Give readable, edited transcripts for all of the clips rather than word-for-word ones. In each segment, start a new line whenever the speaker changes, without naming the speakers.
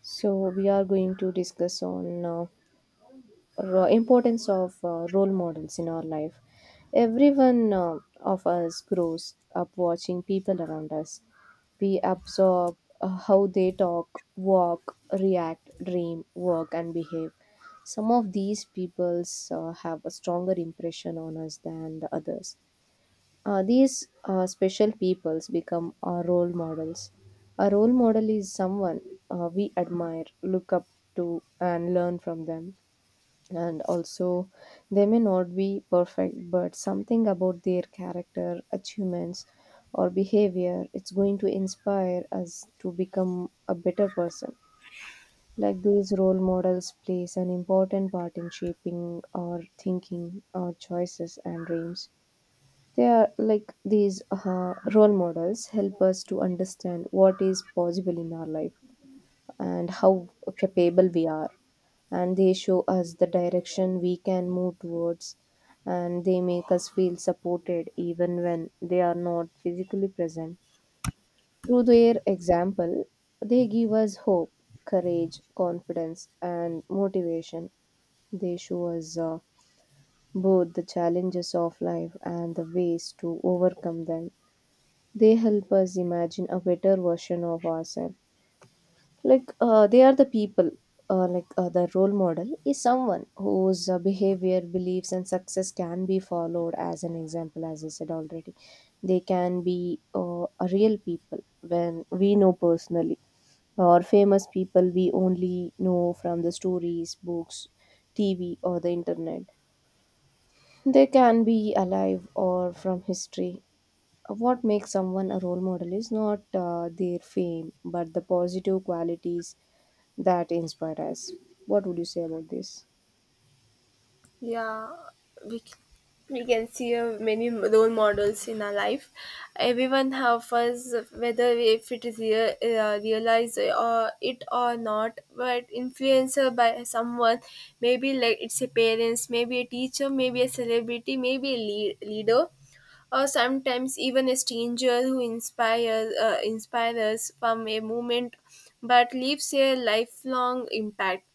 So we are going to discuss on importance of role models in our life. Everyone of us grows up watching people around us. We absorb how they talk, walk, react, dream, work, and behave. Some of these peoples have a stronger impression on us than the others. These special peoples become our role models. A role model is someone we admire, look up to, and learn from them. And also, they may not be perfect, but something about their character, achievements, or behavior it's going to inspire us to become a better person. Like these role models plays an important part in shaping our thinking, our choices, and dreams. They are like these role models help us to understand what is possible in our life and how capable we are. And they show us the direction we can move towards. And they make us feel supported even when they are not physically present. Through their example, they give us hope, courage, confidence, and motivation. They show us both the challenges of life and the ways to overcome them. They help us imagine a better version of ourselves, they are the people. The role model is someone whose behavior, beliefs, and success can be followed as an example, as I said already. They can be a real people when we know personally, or famous people we only know from the stories, books, TV, or the internet. They can be alive or from history. What makes someone a role model is not their fame, but the positive qualities that inspire us. What would you say about this?
Yeah, we c- we can see many role models in our life. Everyone help us, whether if it is real, realize or it or not. But influencer by someone, maybe like it's a parents, maybe a teacher, maybe a celebrity, maybe a leader, or sometimes even a stranger who inspires us from a moment, but leaves a lifelong impact.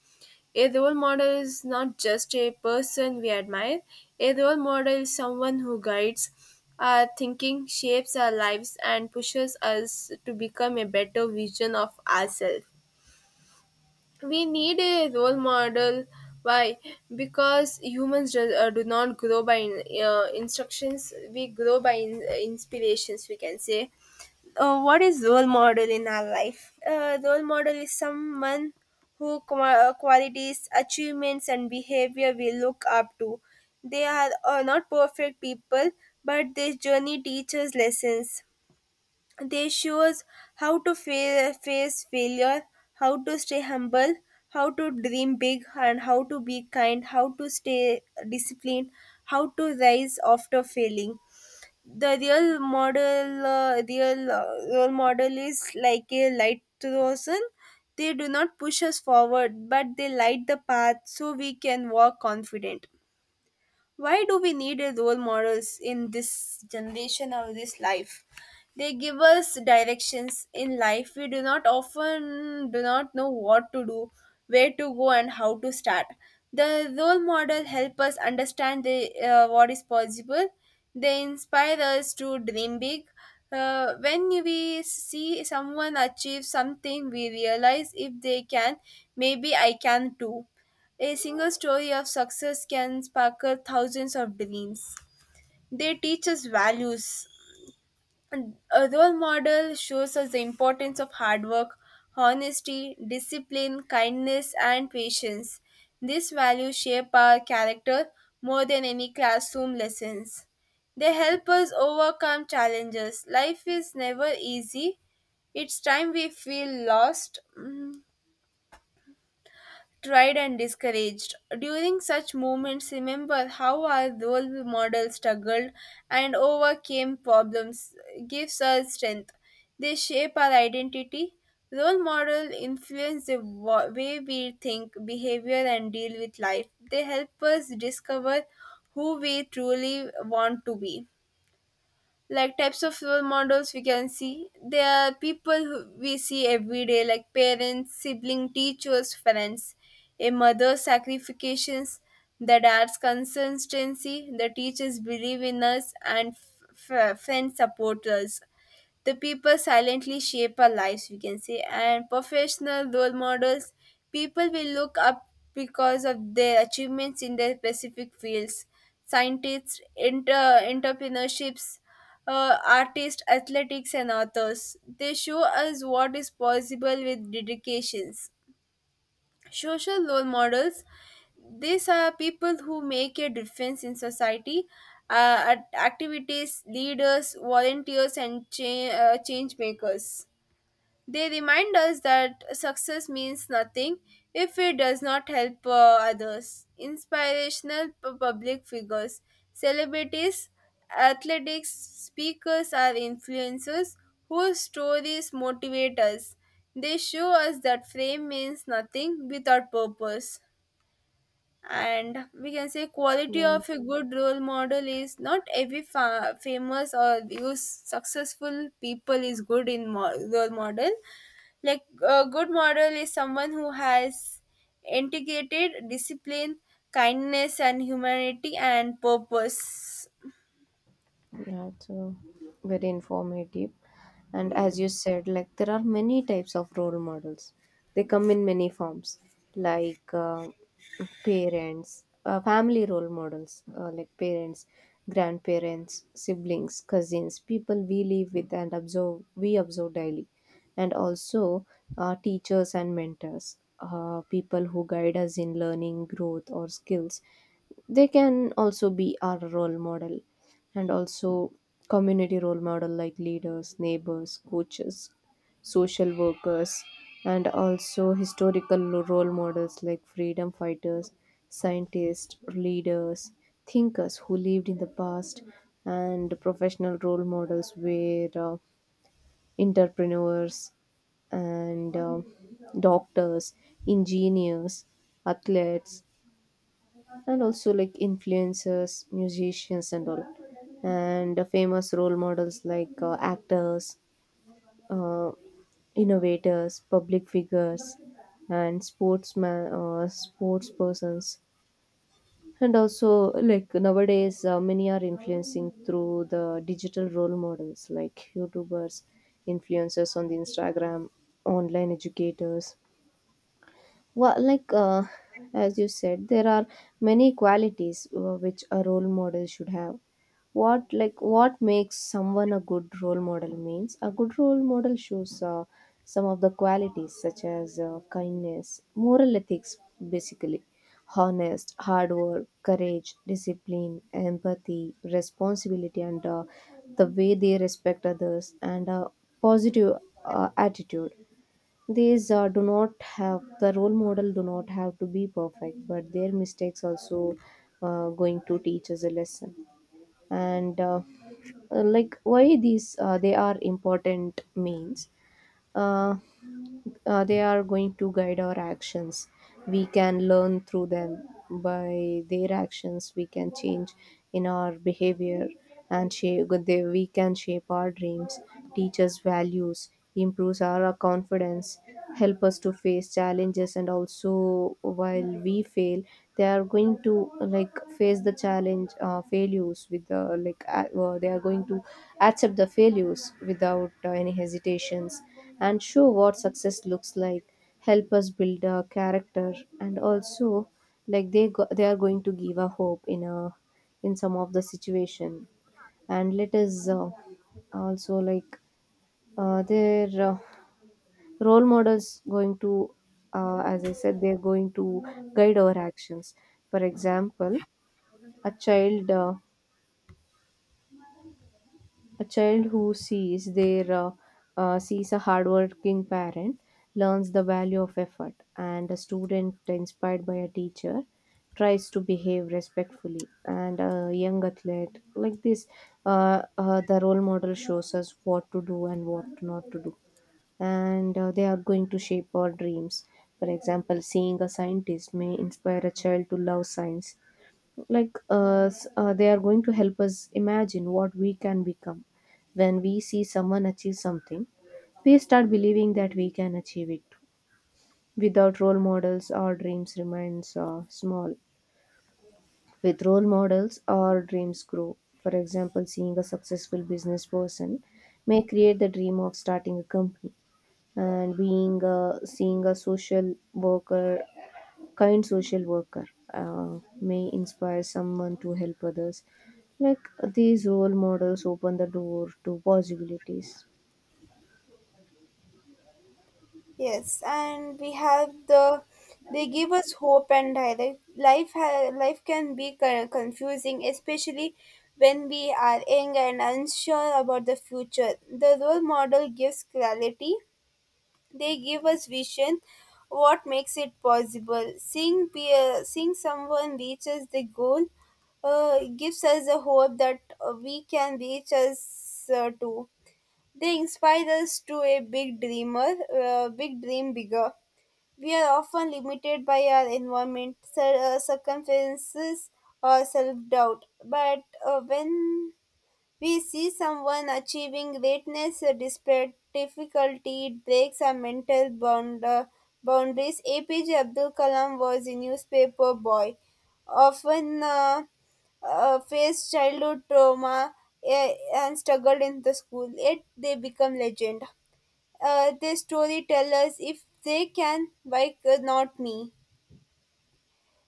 A role model is not just a person we admire, a role model is someone who guides our thinking, shapes our lives, and pushes us to become a better version of ourselves. We need a role model. Why? Because humans do not grow by instructions, we grow by inspirations, we can say. What is role model in our life? Role model is someone who qualities achievements and behavior we look up to. They are not perfect people, but their journey teaches lessons. They show us how to face failure, how to stay humble, how to dream big, and how to be kind, how to stay disciplined, how to rise after failing. The real model real role model is like a light rosen. They do not push us forward, but they light the path so we can walk confident. Why do we need a role models in this generation or this life? They give us directions in life. We do not often do not know what to do, where to go, and how to start. The role model help us understand what is possible. They inspire us to dream big. When we see someone achieve something, we realize if they can, maybe I can too. A single story of success can sparkle thousands of dreams. They teach us values. And a role model shows us the importance of hard work, honesty, discipline, kindness, and patience. These values shape our character more than any classroom lessons. They help us overcome challenges. Life is never easy. It's time we feel lost. Tried and discouraged. During such moments, remember how our role model struggled and overcame problems, gives us strength. They shape our identity. Role model influence the way we think, behavior, and deal with life. They help us discover who we truly want to be. Like types of role models we can see, there are people who we see every day, like parents, sibling, teachers, friends. A mother's sacrifices, the dad's consistency, the teachers believe in us, and friends support us. The people silently shape our lives, we can say. And professional role models, people will look up because of their achievements in their specific fields: scientists, entrepreneurships, artists, athletics, and authors. They show us what is possible with dedications. Social role models, these are people who make a difference in society: activities, leaders, volunteers, and change makers. They remind us that success means nothing if it does not help others. Inspirational public figures, celebrities, athletics, speakers are influencers whose stories motivate us. They show us that fame means nothing without purpose. And we can say quality
Yeah.
of a good role model is not every famous or use successful people is good in role model. Like a good model is someone who has integrated discipline, kindness and humanity and purpose.
Yeah, it's very informative. And
Yeah.
as you said, like there are many types of role models. They come in many forms, like uh, parents, family role models, like parents, grandparents, siblings, cousins, people we live with and observe, we observe daily, and also teachers and mentors, people who guide us in learning, growth, or skills. They can also be our role model. And also community role model like leaders, neighbors, coaches, social workers. And also historical role models like freedom fighters, scientists, leaders, thinkers who lived in the past. And professional role models were entrepreneurs, and doctors, engineers, athletes, and also like influencers, musicians, and all. And the famous role models like actors, uh, innovators, public figures, and sports persons. And also like nowadays many are influencing through the digital role models like YouTubers, influencers on the Instagram, online educators. Well, as you said, there are many qualities which a role model should have. What like what makes someone a good role model means a good role model shows some of the qualities such as kindness, moral ethics, basically, honest, hard work, courage, discipline, empathy, responsibility, and the way they respect others, and a positive attitude. These do not have, the role model do not have to be perfect, but their mistakes also going to teach us a lesson. And why these they are important means, uh, they are going to guide our actions. We can learn through them. By their actions, we can change in our behavior and shape, they, we can shape our dreams, teach us values, improves our confidence, help us to face challenges, and also while we fail they are going to like face the challenge failures with they are going to accept the failures without any hesitations, and show what success looks like, help us build a character. And also like they go, they are going to give a hope in a, in some of the situation, and let us also like their role models going to, as I said they're going to guide our actions. For example, a child uh, a child who sees their sees a hardworking parent learns the value of effort, and a student inspired by a teacher tries to behave respectfully, and a young athlete like this. The role model shows us what to do and what not to do, and they are going to shape our dreams. For example, seeing a scientist may inspire a child to love science. They are going to help us imagine what we can become. When we see someone achieve something, we start believing that we can achieve it. Too. Without role models, our dreams remains small. With role models, our dreams grow. For example, seeing a successful business person may create the dream of starting a company, and being a seeing a social worker, kind social worker, may inspire someone to help others. Like these role models open the door to possibilities.
Yes, and we have the, they give us hope and direct life. Life can be confusing, especially when we are young and unsure about the future. The role model gives clarity. They give us vision, what makes it possible. Seeing someone reaches the goal gives us the hope that we can reach us too. They inspire us to a big dream bigger. We are often limited by our environment, circumferences, or self doubt. But when we see someone achieving greatness despite difficulty, it breaks our boundaries. APJ Abdul Kalam was a newspaper boy, often faced childhood trauma uh, and struggled in the school, yet they become legend. Their story tell us if they can, why could not me?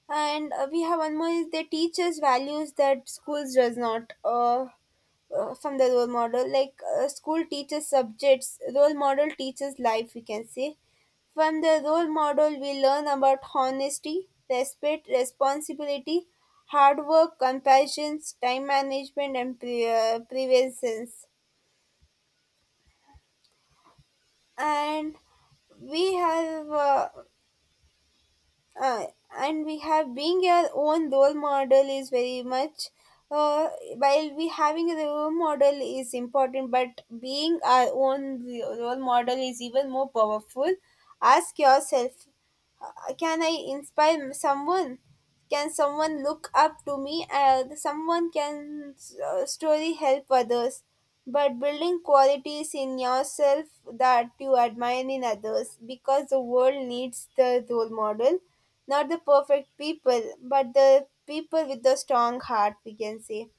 And we have one more is they teach us values that schools does not. From the role model, like school teaches subjects, role model teaches life, we can say. From the role model we learn about honesty, respect, responsibility, hard work, compassion, time management, and prevention. And we have uh, uh, and we have being your own role model is very much. uh, while we having a role model is important, but being our own role model is even more powerful. Ask yourself, can I inspire someone, can someone look up to me, someone can story help others, but building qualities in yourself that you admire in others, because the world needs the role model, not the perfect people, but the people with the strong heart, we can say.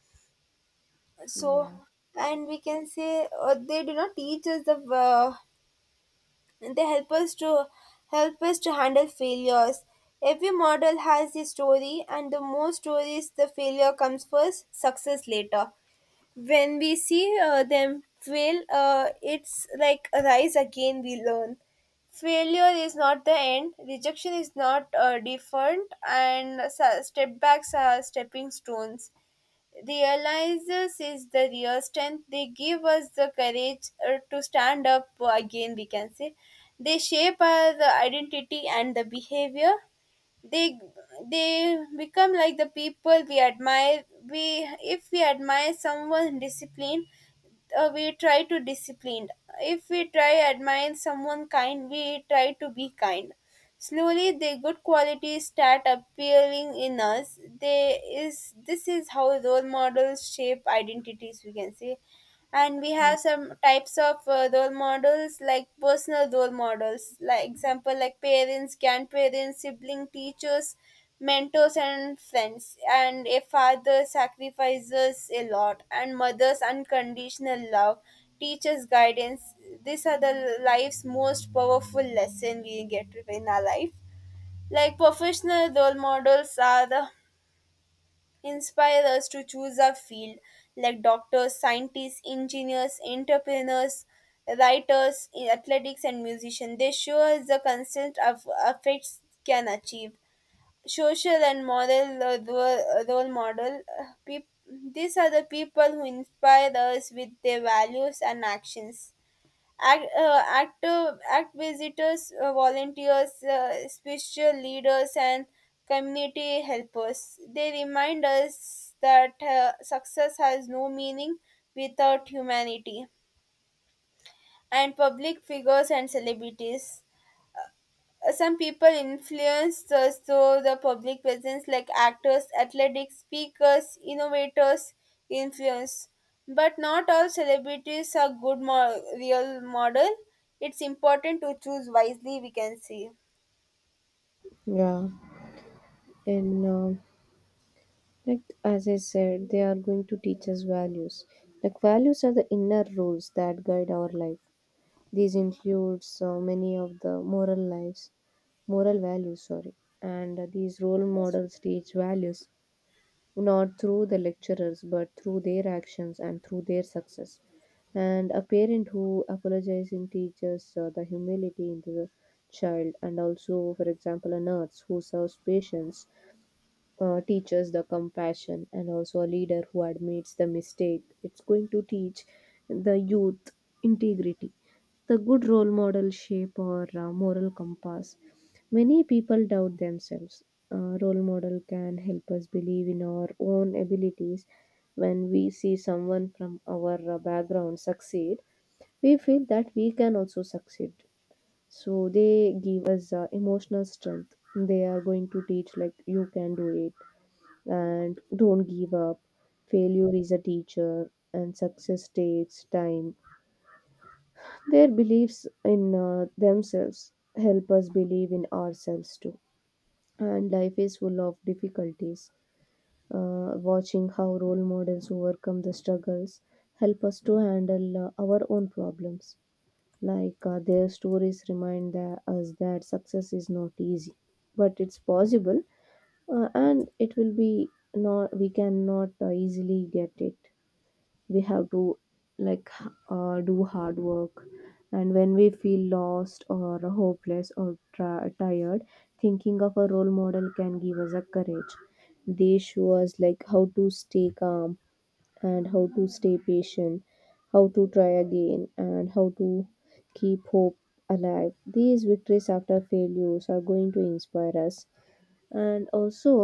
So,
Yeah.
and we can say they do not teach us they help us to handle failures. Every model has a story, and the more stories, the failure comes first, success later. When we see them fail, it's like a rise again we learn. Failure is not the end, rejection is not different, and step backs are stepping stones. Realizes is the real strength. They give us the courage to stand up again, we can say. They shape our identity and the behavior. They they become like the people we admire. We If we admire someone disciplined, we try to discipline. If we try admire someone kind, we try to be kind. Slowly the good qualities start appearing in us. They is this is how role models shape identities, we can say. And we have some types of role models, like personal role models, like example, like parents, grandparents, sibling, teachers, mentors, and friends. And a father sacrifices a lot, and mother's unconditional love, teacher's guidance, these are the life's most powerful lesson we get in our life. Like professional role models are the inspire us to choose our field, like doctors, scientists, engineers, entrepreneurs, writers, athletics, and musicians. They show us the constant of effects can achieve. Social and moral role model. These are the people who inspire us with their values and actions. Active act visitors, volunteers, spiritual leaders, and community helpers, they remind us that success has no meaning without humanity. And public figures and celebrities, some people influence through the public presence, like actors, athletics, speakers, innovators, influence. But not all celebrities are good real model. It's important to choose wisely. We can see.
Yeah, and as I said they are going to teach us values. Like values are the inner rules that guide our life. These include so many of the moral lives, moral values, sorry. And these role models teach values not through the lecturers, but through their actions and through their success. And a parent who apologizing teaches the humility into the child, and also for example a nurse who serves patients teaches the compassion, and also a leader who admits the mistake it's going to teach the youth integrity. The good role model shape or moral compass. Many people doubt themselves. Role model can help us believe in our own abilities. When we see someone from our background succeed, we feel that we can also succeed. So they give us emotional strength. They are going to teach like you can do it, and don't give up. Failure is a teacher, and success takes time. Their beliefs in themselves help us believe in ourselves too. And life is full of difficulties. Watching how role models overcome the struggles help us to handle our own problems. Their stories remind us that success is not easy, but it's possible, and it will be not. We cannot easily get it. We have to like do hard work. And when we feel lost or hopeless or tired, thinking of a role model can give us a courage. They show us like how to stay calm, and how to stay patient, how to try again, and how to keep hope alive. These victories after failures are going to inspire us. And also,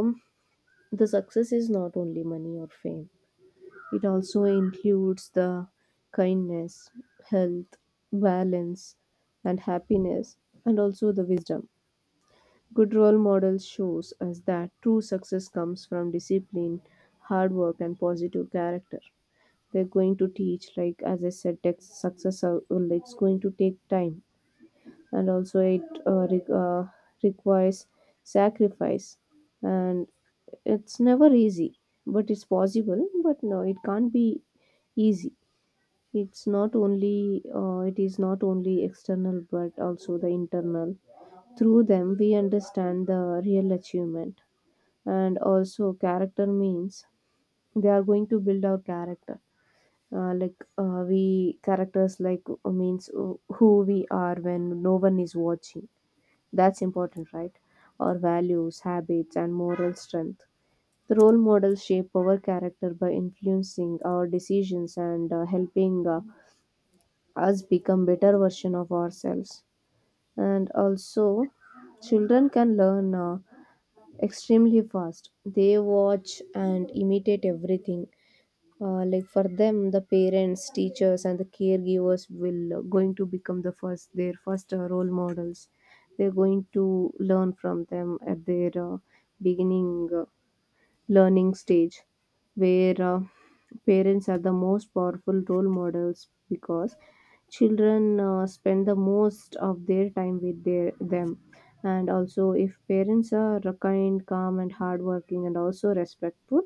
the success is not only money or fame, it also includes the kindness, health, balance, and happiness, and also the wisdom. Good role model shows us that true success comes from discipline, hard work, and positive character. They're going to teach, like as I said, tech success. Well, it's going to take time, and also it requires sacrifice, and it's never easy, but it's possible. But no, it can't be easy. It's not only it is not only external, but also the internal. Through them we understand the real achievement. And also character means they are going to build our character. We characters means who we are when no one is watching. That's important, right? Our values, habits, and moral strength. The role models shape our character by influencing our decisions and helping us become better version of ourselves. And also children can learn extremely fast, they watch and imitate everything. Like for them the parents, teachers, and the caregivers will going to become the first, their first role models. They're going to learn from them at their beginning learning stage, where parents are the most powerful role models because children spend the most of their time with their them. And also if parents are kind, calm, and hardworking, and also respectful,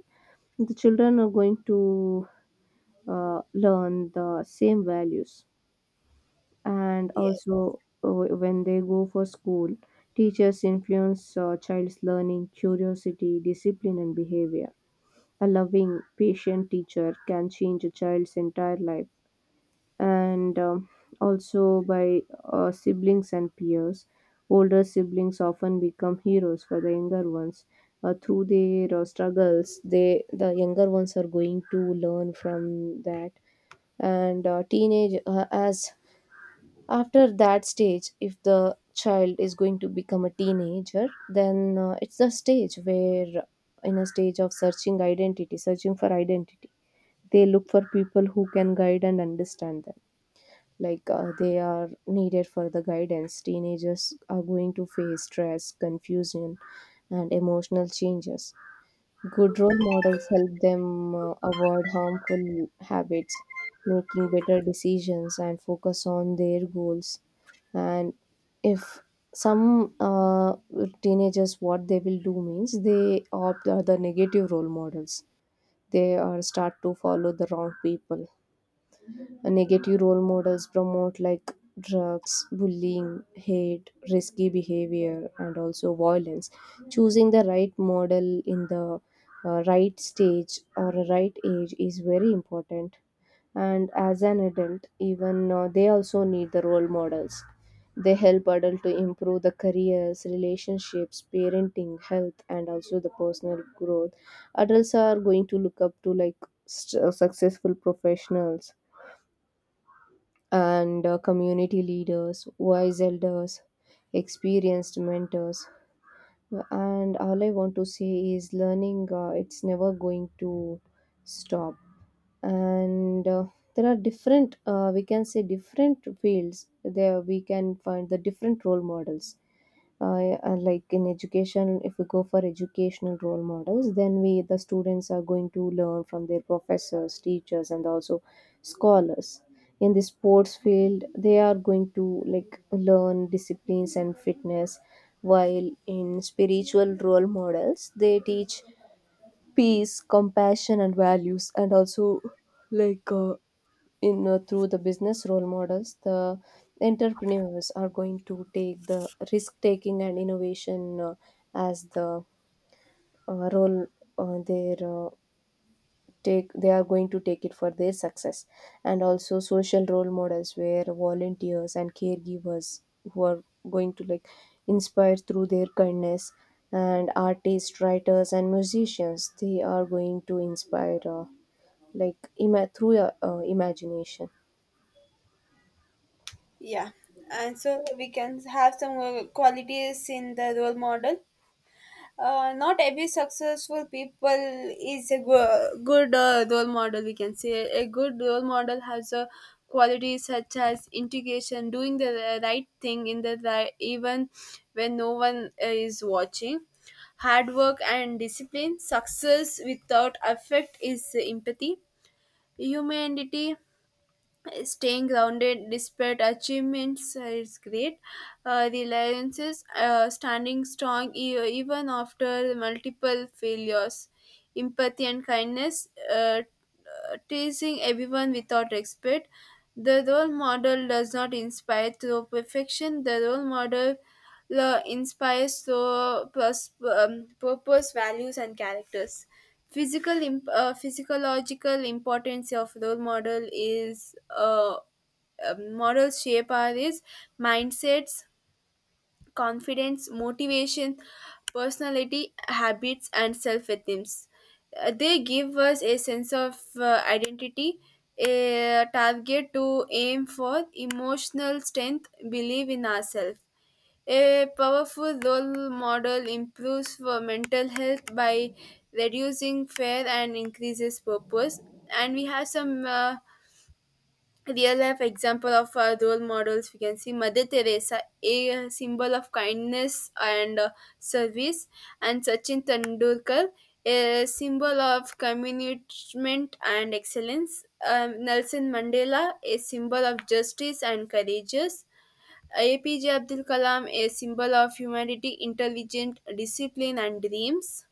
the children are going to learn the same values. And
Yes.
also when they go for school, teachers influence child's learning, curiosity, discipline, and behavior. A loving, patient teacher can change a child's entire life. And also by siblings and peers, older siblings often become heroes for the younger ones. Through their struggles, they, the younger ones are going to learn from that. And teenage, as after that stage, if the child is going to become a teenager, then it's the stage where in a stage of searching identity, searching for identity, they look for people who can guide and understand them. Like, they are needed for the guidance. Teenagers are going to face stress, confusion and emotional changes. Good role models help them avoid harmful habits, making better decisions and focus on their goals. And if some teenagers, what they will do means they opt are the negative role models, they are start to follow the wrong people. Negative role models promote like drugs, bullying, hate, risky behavior and also violence. Choosing the right model in the right stage or a right age is very important. And as an adult even, they also need the role models. They help adult to improve the careers, relationships, parenting, health and also the personal growth. Adults are going to look up to like successful professionals and community leaders, wise elders, experienced mentors. And all I want to say is learning, it's never going to stop. And There are different, we can say, different fields there we can find the different role models. Like in education, if we go for educational role models, then we the students are going to learn from their professors, teachers and also scholars. In the sports field they are going to like learn disciplines and fitness, while in spiritual role models they teach peace, compassion and values, and also like in through the business role models, the entrepreneurs are going to take the risk taking and innovation, as the role their take they are going to take it for their success. And also social role models, where volunteers and caregivers who are going to like inspire through their kindness, and artists, writers and musicians they are going to inspire through imagination.
Yeah. And so we can have some qualities in the role model. Not every successful people is a good role model, we can say. A good role model has a qualities such as integration, doing the right thing in the right, even when no one is watching, hard work and discipline, success without effort is empathy, humanity, staying grounded despite achievements is great. Reliances, standing strong even after multiple failures. Empathy and kindness, teasing everyone without respect. The role model does not inspire through perfection. The role model inspires through purpose, values, and characters. Physical, physiological importance of role model is models shape our is mindsets, confidence, motivation, personality, habits, and self-esteems. They give us a sense of identity, a target to aim for, emotional strength, belief in ourselves. A powerful role model improves for mental health by reducing fear and increases purpose. And we have some real life example of role models. We can see Mother Teresa, a symbol of kindness and service, and Sachin Tendulkar, a symbol of commitment and excellence. Nelson Mandela, a symbol of justice and courageous. APJ Abdul Kalam, a symbol of humanity, intelligent, discipline, and dreams.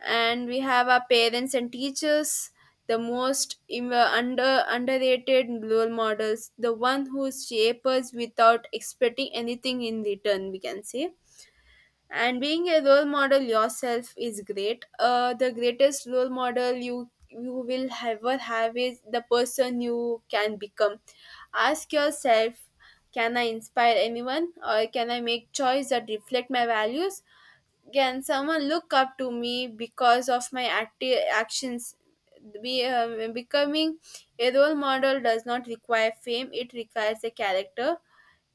And we have our parents and teachers, the most under underrated role models, the one who shape us without expecting anything in return, we can say. And being a role model yourself is great. The greatest role model you will ever have is the person you can become. Ask yourself, can I inspire anyone, or can I make choice that reflect my values, can someone look up to me because of my active actions. Becoming a role model does not require fame, it requires a character.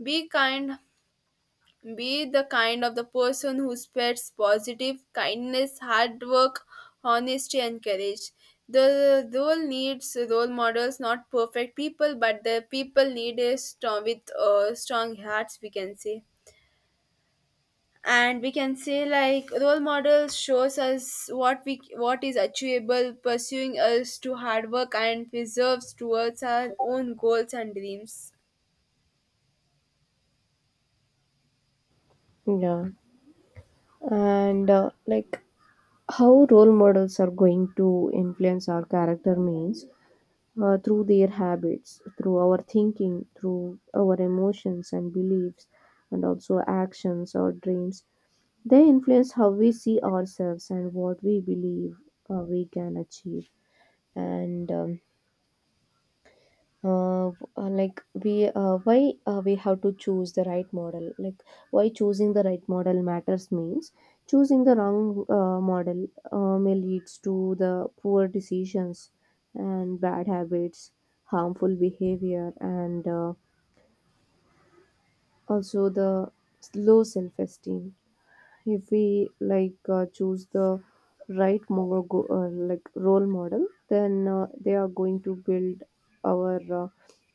Be kind, be the kind of the person who spreads positive kindness, hard work, honesty, and courage. The world needs role models, not perfect people, but the people need a strong with strong hearts, we can say. And we can say like role models shows us what we what is achievable, pursuing us to hard work and preserves towards our own goals and dreams.
Yeah. And like how role models are going to influence our character means through their habits, through our thinking, through our emotions and beliefs and also actions or dreams. They influence how we see ourselves and what we believe we can achieve. And uh, uh, like we why We have to choose the right model. Like, why choosing the right model matters means choosing the wrong model may leads to the poor decisions and bad habits, harmful behavior and also the low self-esteem. If we choose the right role model, then they are going to build our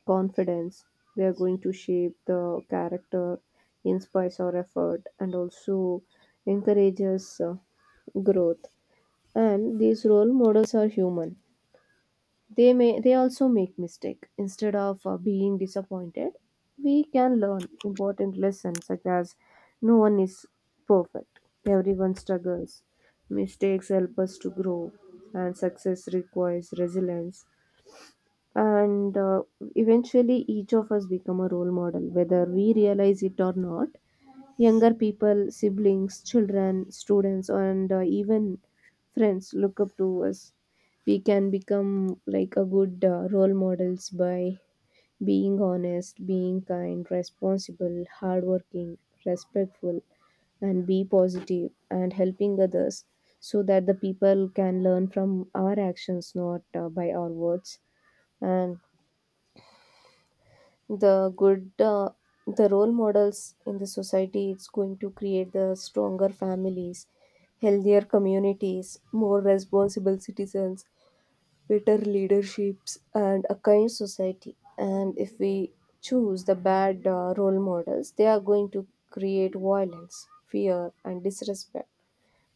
confidence. They are going to shape the character, inspires our effort and also encourages growth. And these role models are human, they also make mistake. Instead of being disappointed, we can learn important lessons such as no one is perfect, everyone struggles, mistakes help us to grow, and success requires resilience. And Eventually each of us become a role model whether we realize it or not. Younger people, siblings, children, students, and even friends look up to us. We can become like a good role models by being honest, being kind, responsible, hardworking, respectful, and be positive and helping others, so that the people can learn from our actions, not by our words. And the good the role models in the society, it's going to create the stronger families, healthier communities, more responsible citizens, better leaderships and a kind society. And if we choose the bad role models, they are going to create violence, fear and disrespect.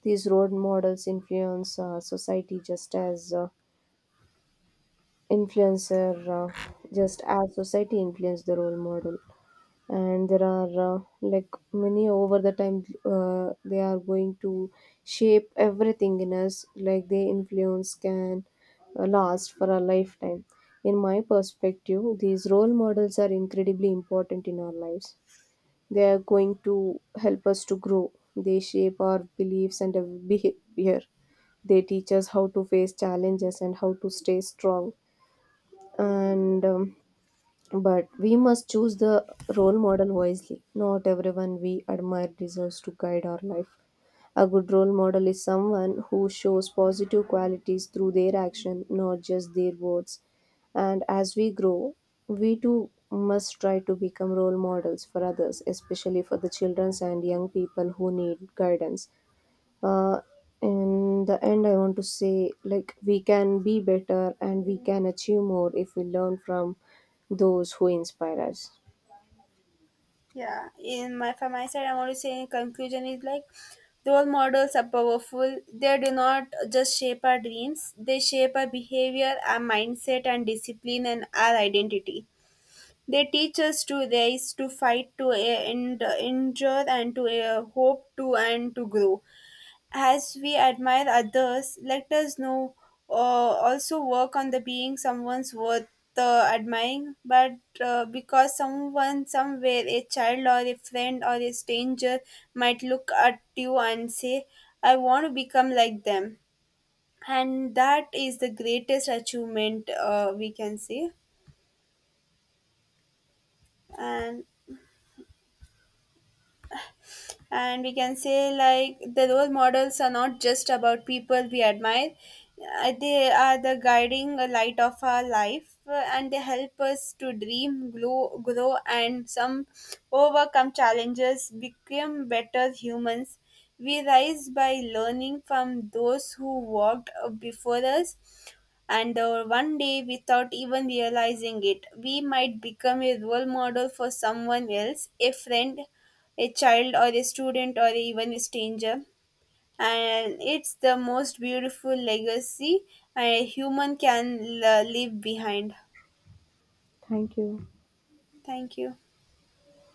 These role models influence society just as influencer just as society influence the role model. And there are like many. Over the time they are going to shape everything in us. Like their influence can last for a lifetime. In my perspective, these role models are incredibly important in our lives. They are going to help us to grow, they shape our beliefs and our behavior, they teach us how to face challenges and how to stay strong. And But we must choose the role model wisely. Not everyone we admire deserves to guide our life. A good role model is someone who shows positive qualities through their action, not just their words. And as we grow, we too must try to become role models for others, especially for the children and young people who need guidance. uh, in the end, I want to say, like, we can be better and we can achieve more if we learn from those who inspire us.
Yeah, in my from my side, I'm only saying conclusion is like role models are powerful. They do not just shape our dreams; they shape our behavior, our mindset, and discipline, and our identity. They teach us to rise, to fight, to endure, and to and to grow. As we admire others, let us know also work on the being someone's worth admiring. But Because someone somewhere, a child or a friend or a stranger, might look at you and say, "I want to become like them," and that is the greatest achievement we can say. And and we can say like the role models are not just about people we admire. They are the guiding light of our life, and they help us to grow and some overcome challenges, become better humans. We rise by learning from those who walked before us. And one day, without even realizing it, we might become a role model for someone else, a friend, a child, or a student, or even a stranger. And it's the most beautiful legacy a human can leave behind.
Thank you.
Thank you.